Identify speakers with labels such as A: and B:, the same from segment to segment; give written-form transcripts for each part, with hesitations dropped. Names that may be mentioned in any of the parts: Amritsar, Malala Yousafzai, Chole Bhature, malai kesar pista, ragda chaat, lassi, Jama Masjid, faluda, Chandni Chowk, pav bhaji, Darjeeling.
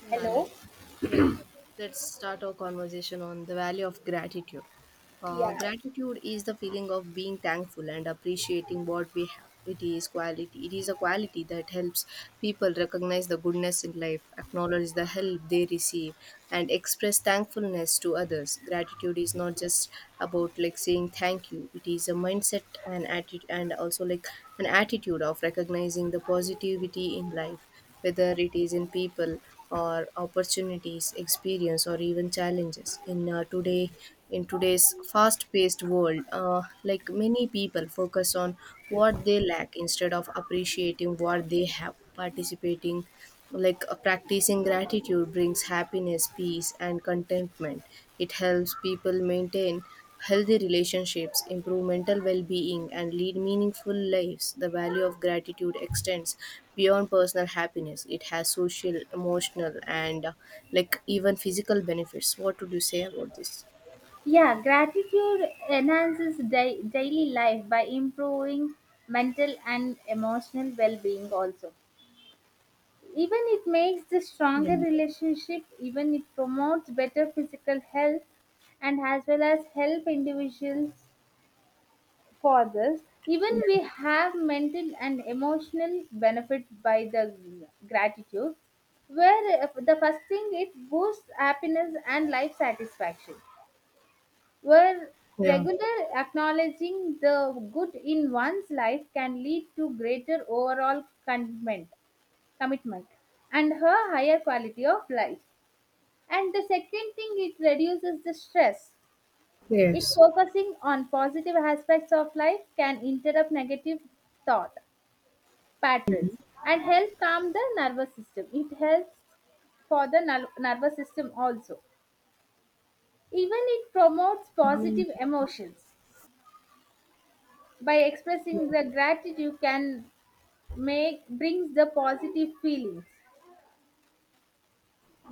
A: Yeah,
B: Hello?
A: let's yeah, let's start our conversation on the value of gratitude.
B: Yeah.
A: Gratitude is the feeling of being thankful and appreciating what we have. It is quality. It is a quality that helps people recognize the goodness in life, acknowledge the help they receive, and express thankfulness to others. Gratitude is not just about like saying thank you. It is a mindset and attitude, and also like an attitude of recognizing the positivity in life, whether it is in people or opportunities, experience, or even challenges. In today's fast-paced world like many people focus on what they lack instead of appreciating what they have, participating like practicing gratitude brings happiness, peace and contentment. It helps people maintain healthy relationships, improve mental well-being and lead meaningful lives. The value of gratitude extends beyond personal happiness. It has social, emotional and like even physical benefits. What would you say about this?
B: Yeah, gratitude enhances daily life by improving mental and emotional well being, also. Even it makes the
A: Yeah,
B: stronger relationship, even it promotes better physical health and as well as help individuals for this. Even
A: yeah,
B: we have mental and emotional benefit by the gratitude, where the first thing it boosts happiness and life satisfaction where
A: yeah,
B: regular acknowledging the good in one's life can lead to greater overall commitment and her higher quality of life, and the second thing it reduces the stress. It
A: yes,
B: focusing on positive aspects of life can interrupt negative thought patterns and help calm the nervous system. It helps for the nervous system also. Even it promotes
A: um,
B: positive emotions by expressing the gratitude. You can make brings the positive feelings.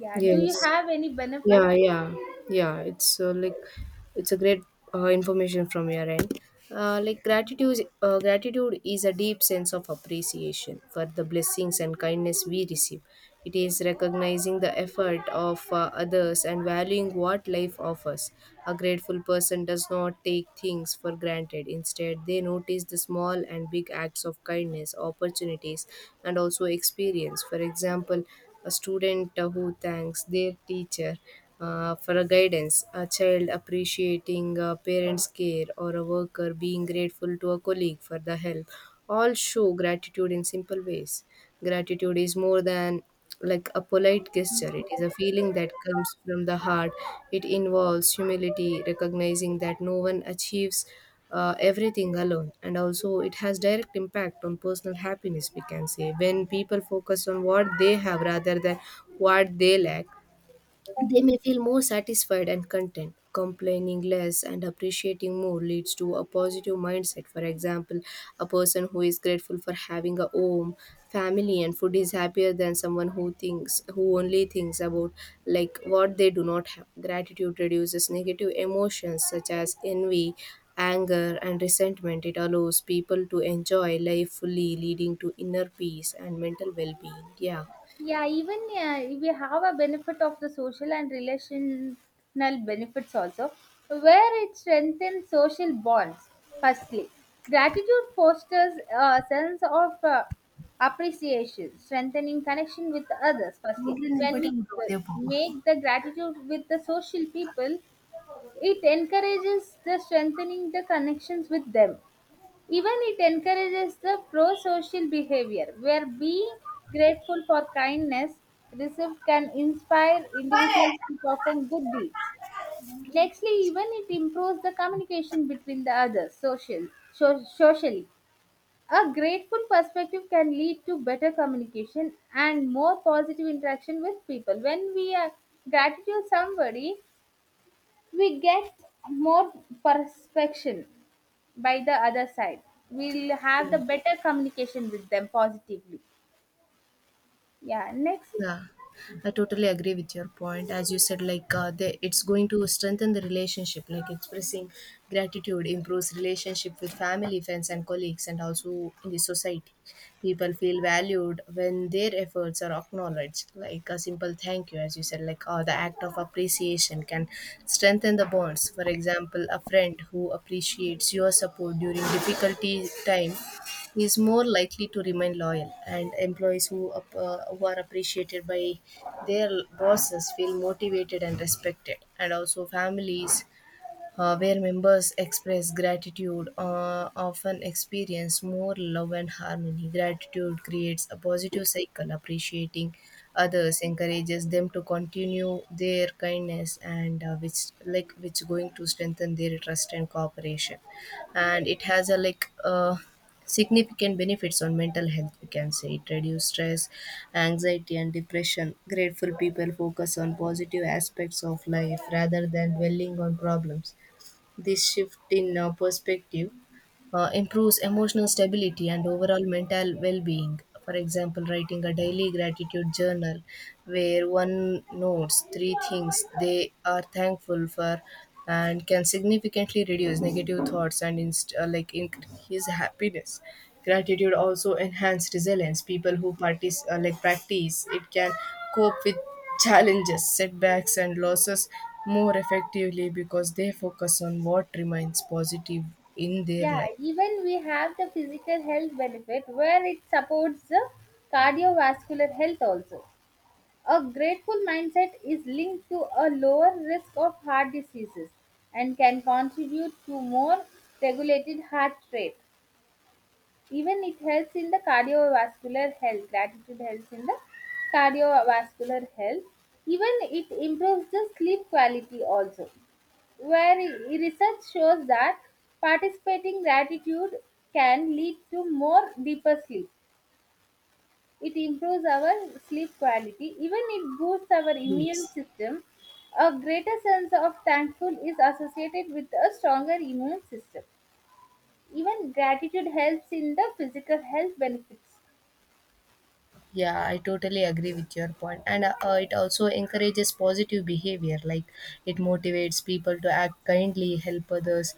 B: Yeah, do you
A: yes,
B: have any benefit?
A: yeah, yeah, yeah. It's like it's a great information from your end. Gratitude is a deep sense of appreciation for the blessings and kindness we receive. It is recognizing the effort of others and valuing what life offers. A grateful person does not take things for granted. Instead, they notice the small and big acts of kindness, opportunities, and also experience. For example, a student who thanks their teacher for a guidance, a child appreciating a parent's care, or a worker being grateful to a colleague for the help, all show gratitude in simple ways. Gratitude is more than like a polite gesture. It is a feeling that comes from the heart. It involves humility, recognizing that no one achieves everything alone. And also it has direct impact on personal happiness, we can say. When people focus on what they have rather than what they lack, they may feel more satisfied and content. Complaining less and appreciating more leads to a positive mindset. For example, a person who is grateful for having a home, family, and food is happier than someone who only thinks about like what they do not have. Gratitude reduces negative emotions such as envy, anger, and resentment. It allows people to enjoy life fully, leading to inner peace and mental well-being. Yeah.
B: Yeah, even we have a benefit of the social and relational benefits also, where it strengthens social bonds. Firstly, gratitude fosters a sense of appreciation, strengthening connection with others. Firstly, when we uh, make the gratitude with the social people, it encourages the strengthening the connections with them. Even it encourages the pro-social behavior, where being grateful for kindness received can inspire individuals to perform good deeds. Nextly, even it improves the communication between the others social. Socially, a grateful perspective can lead to better communication and more positive interaction with people. When we are gratitude somebody, we get more perspection by the other side. We'll have the better communication with them positively. Yeah, next.
A: Yeah, I totally agree with your point. As you said, like it's going to strengthen the relationship. Like expressing gratitude improves relationship with family, friends, and colleagues, and also in the society. People feel valued when their efforts are acknowledged. Like a simple thank you, as you said, like the act of appreciation can strengthen the bonds. For example, a friend who appreciates your support during difficulty time is more likely to remain loyal, and employees who, who are appreciated by their bosses feel motivated and respected. And also, families where members express gratitude, often experience more love and harmony. Gratitude creates a positive cycle. Appreciating others encourages them to continue their kindness, and which going to strengthen their trust and cooperation. And it has a like. Significant benefits on mental health, we can say. It reduces stress, anxiety and depression. Grateful people focus on positive aspects of life rather than dwelling on problems. This shift in perspective improves emotional stability and overall mental well-being. For example, writing a daily gratitude journal where one notes three things they are thankful for and can significantly reduce negative thoughts and like increase happiness. Gratitude also enhance resilience. People who like practice it can cope with challenges, setbacks and losses more effectively because they focus on what remains positive in their
B: Yeah,
A: life.
B: even we have the physical health benefit, where it supports the cardiovascular health also. A grateful mindset is linked to a lower risk of heart diseases and can contribute to more regulated heart rate. Even it helps in the cardiovascular health. Gratitude helps in the cardiovascular health. Even it improves the sleep quality also, where research shows that participating gratitude can lead to more deeper sleep. It improves our sleep quality. Even it boosts our immune
A: Yes.
B: system. A greater sense of thankful is associated with a stronger immune system. Even gratitude helps in the physical health benefits.
A: Yeah, I totally agree with your point. And it also encourages positive behavior, like it motivates people to act kindly, help others,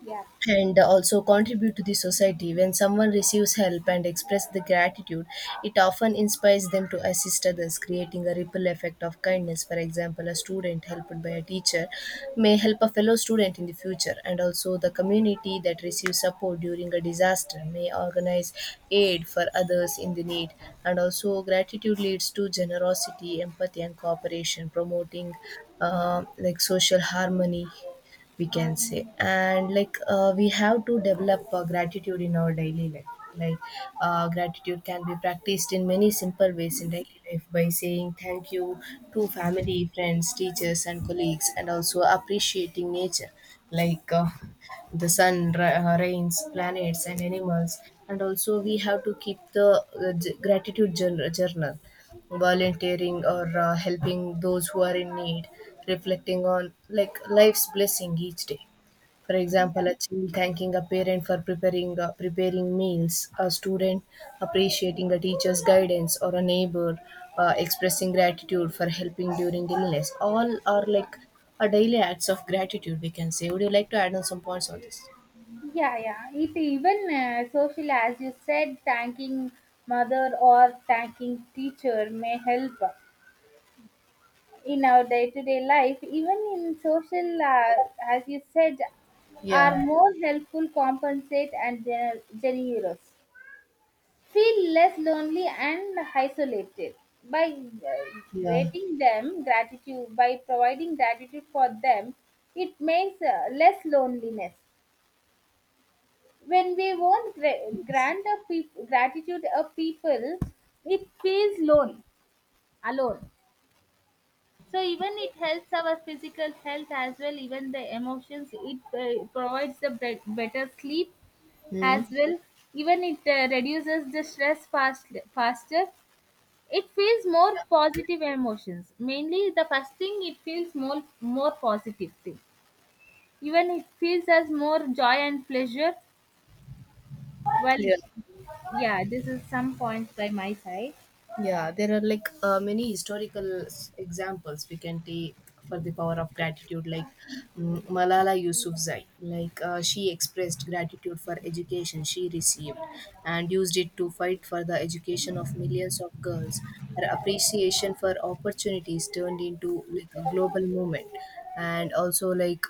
B: Yeah,
A: and also contribute to the society. When someone receives help and expresses the gratitude, it often inspires them to assist others, creating a ripple effect of kindness. For example, a student helped by a teacher may help a fellow student in the future, and also the community that receives support during a disaster may organize aid for others in the need. And also, gratitude leads to generosity, empathy, and cooperation, promoting like social harmony, we can say. And like we have to develop gratitude in our daily life. Like gratitude can be practiced in many simple ways in daily life by saying thank you to family, friends, teachers and colleagues, and also appreciating nature, like the rains, planets and animals. And also we have to keep the gratitude journal, volunteering or helping those who are in need, reflecting on like life's blessing each day. For example, a child thanking a parent for preparing meals, a student appreciating a teacher's guidance, or a neighbor expressing gratitude for helping during illness, all are like a daily acts of gratitude, we can say. Would you like to add on some points on this?
B: yeah, yeah. It even social, as you said, thanking mother or thanking teacher may help in our day-to-day life. Even in social, as you said, are
A: Yeah,
B: more helpful, compensate, and generous. Feel less lonely and isolated by
A: yeah,
B: gratitude by providing gratitude for them. It makes less loneliness. When we won't
A: yes.
B: grant a gratitude a people, it feels lone alone. So even it helps our physical health as well. Even the emotions, it provides the better sleep
A: Hmm.
B: as well. Even it reduces the stress faster. It feels more positive emotions. Mainly the first thing, it feels more positive thing. Even it feels as more joy and pleasure. Well,
A: Yeah.
B: yeah, this is some points by my side.
A: Yeah, there are like many examples we can take for the power of gratitude, like Malala Yousafzai. Like she expressed gratitude for education she received and used it to fight for the education of millions of girls. Her appreciation for opportunities turned into like a global movement. And also, like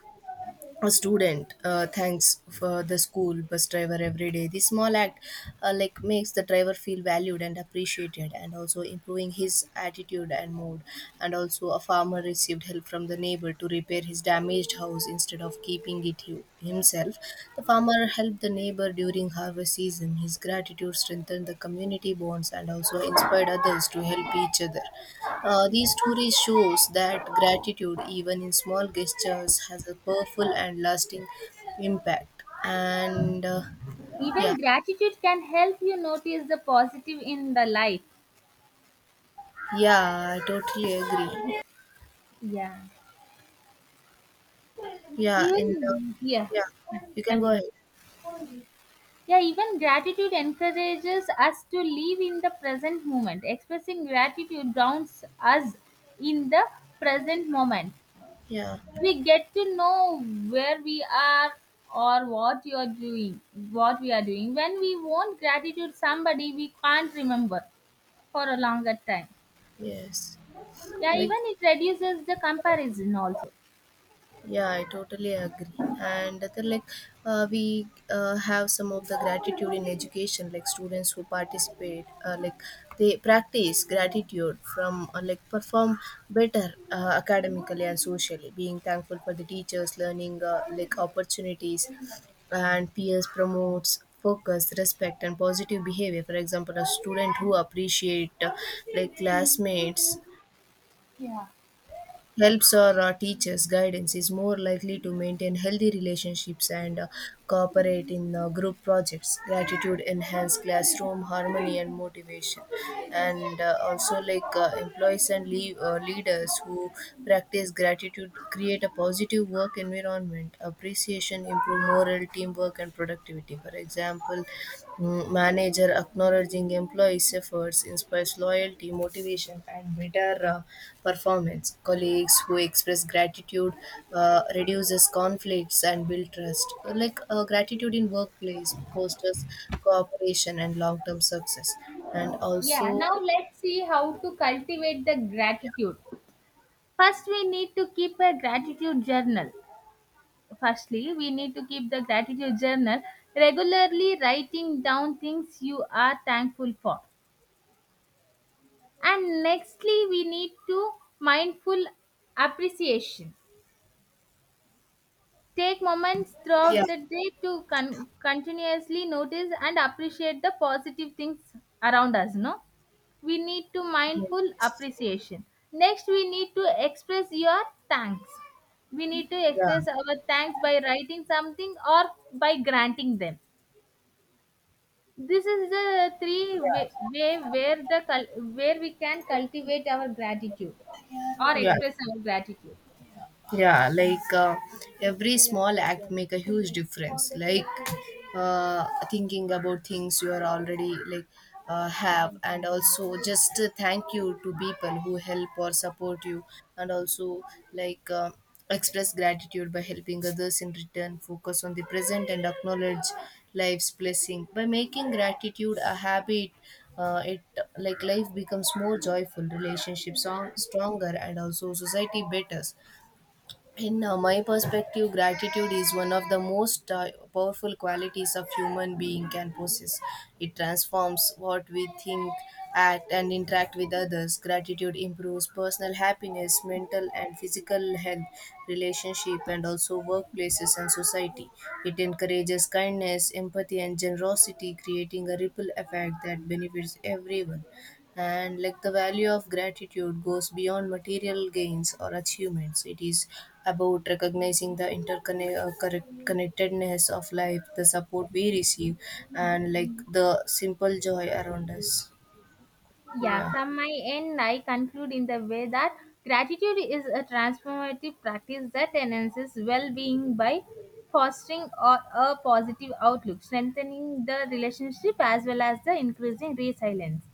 A: a student thanks for the school bus driver every day. This small act like makes the driver feel valued and appreciated, and also improving his attitude and mood. And also a farmer received help from the neighbor to repair his damaged house. Instead of keeping it himself, the farmer helped the neighbor during harvest season. His gratitude strengthened the community bonds and also inspired others to help each other. These stories shows that gratitude, even in small gestures, has a powerful and lasting impact. And Yeah,
B: Even gratitude can help you notice the positive in the life.
A: yeah, I totally agree.
B: Yeah,
A: Yeah, in the,
B: even yeah,
A: yeah, you can go
B: continue.
A: ahead.
B: Yeah, even gratitude encourages us to live in the present moment. Expressing gratitude grounds us in the present moment.
A: Yeah,
B: We get to know where we are or what you are doing, what we are doing. When we want gratitude somebody, we can't remember for a longer time.
A: yes,
B: Yeah,
A: like
B: even it reduces the comparison also.
A: yeah, I totally agree. And then, like, we have some of the gratitude in education. Like students who participate, like they practice gratitude from, like, perform better academically and socially, being thankful for the teachers, learning, like, opportunities, and peers, promotes focus, respect and positive behavior. For example, a student who appreciate like classmates
B: Yeah.
A: helps or teaches guidance is more likely to maintain healthy relationships and cooperate in group projects. Gratitude enhance classroom harmony and motivation. And also like employees and leaders who practice gratitude create a positive work environment. Appreciation improve moral, teamwork and productivity. For example, manager acknowledging employees' efforts inspires loyalty, motivation, and better performance. Colleagues who express gratitude reduces conflicts and build trust. Like gratitude in workplace fosters cooperation and long-term success. And
B: Yeah,
A: also,
B: now let's see how to cultivate the gratitude. First, we need to keep a gratitude journal. Firstly, we need to keep the gratitude journal, regularly writing down things you are thankful for. And nextly, we need to mindful appreciation. Take moments
A: yeah,
B: throughout the day to continuously notice and appreciate the positive things around us, no? We need to mindful
A: yes,
B: appreciation. Next, we need to express your thanks. We need to
A: yeah,
B: express our thanks by writing something or by granting them. This is the three
A: yeah,
B: way where the where we can cultivate our gratitude or
A: yeah.
B: express our gratitude.
A: Yeah, like every small act make a huge difference, like uh, thinking about things you are already like have, and also just thank you to people who help or support you. And also, like express gratitude by helping others in return, focus on the present and acknowledge life's blessing by making gratitude a habit. It Like life becomes more joyful, relationships stronger, and also society better. In my perspective, gratitude is one of the most powerful qualities of human being can possess. It transforms what we think, act and interact with others. Gratitude improves personal happiness, mental and physical health, relationship and also workplaces and society. It encourages kindness, empathy and generosity, creating a ripple effect that benefits everyone. And like the value of gratitude goes beyond material gains or achievements. It is about recognizing the interconnectedness of life, the support we receive, and like the simple joy around us.
B: Yeah,
A: Yeah,
B: from my end, I conclude in the way that gratitude is a transformative practice that enhances well being by fostering a positive outlook, strengthening the relationship, as well as the increasing resilience.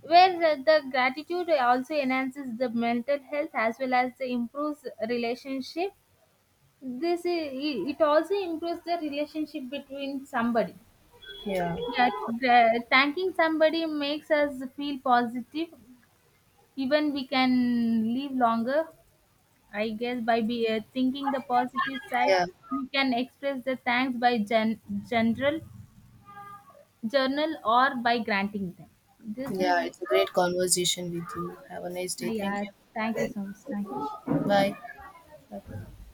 B: Where the gratitude also enhances the mental health as well as the improves relationship. This i- it also improves the relationship between somebody.
A: yeah,
B: Yeah, thanking somebody makes us feel positive. Even we can live longer, I guess, by thinking the positive side.
A: yeah,
B: We can express the thanks by general journal or by granting them. This is
A: yeah. It's a
B: the
A: great conversation with you. Have a nice day. Thank
B: yeah,
A: you.
B: thank you so much. Thank you.
A: Bye.
B: Bye.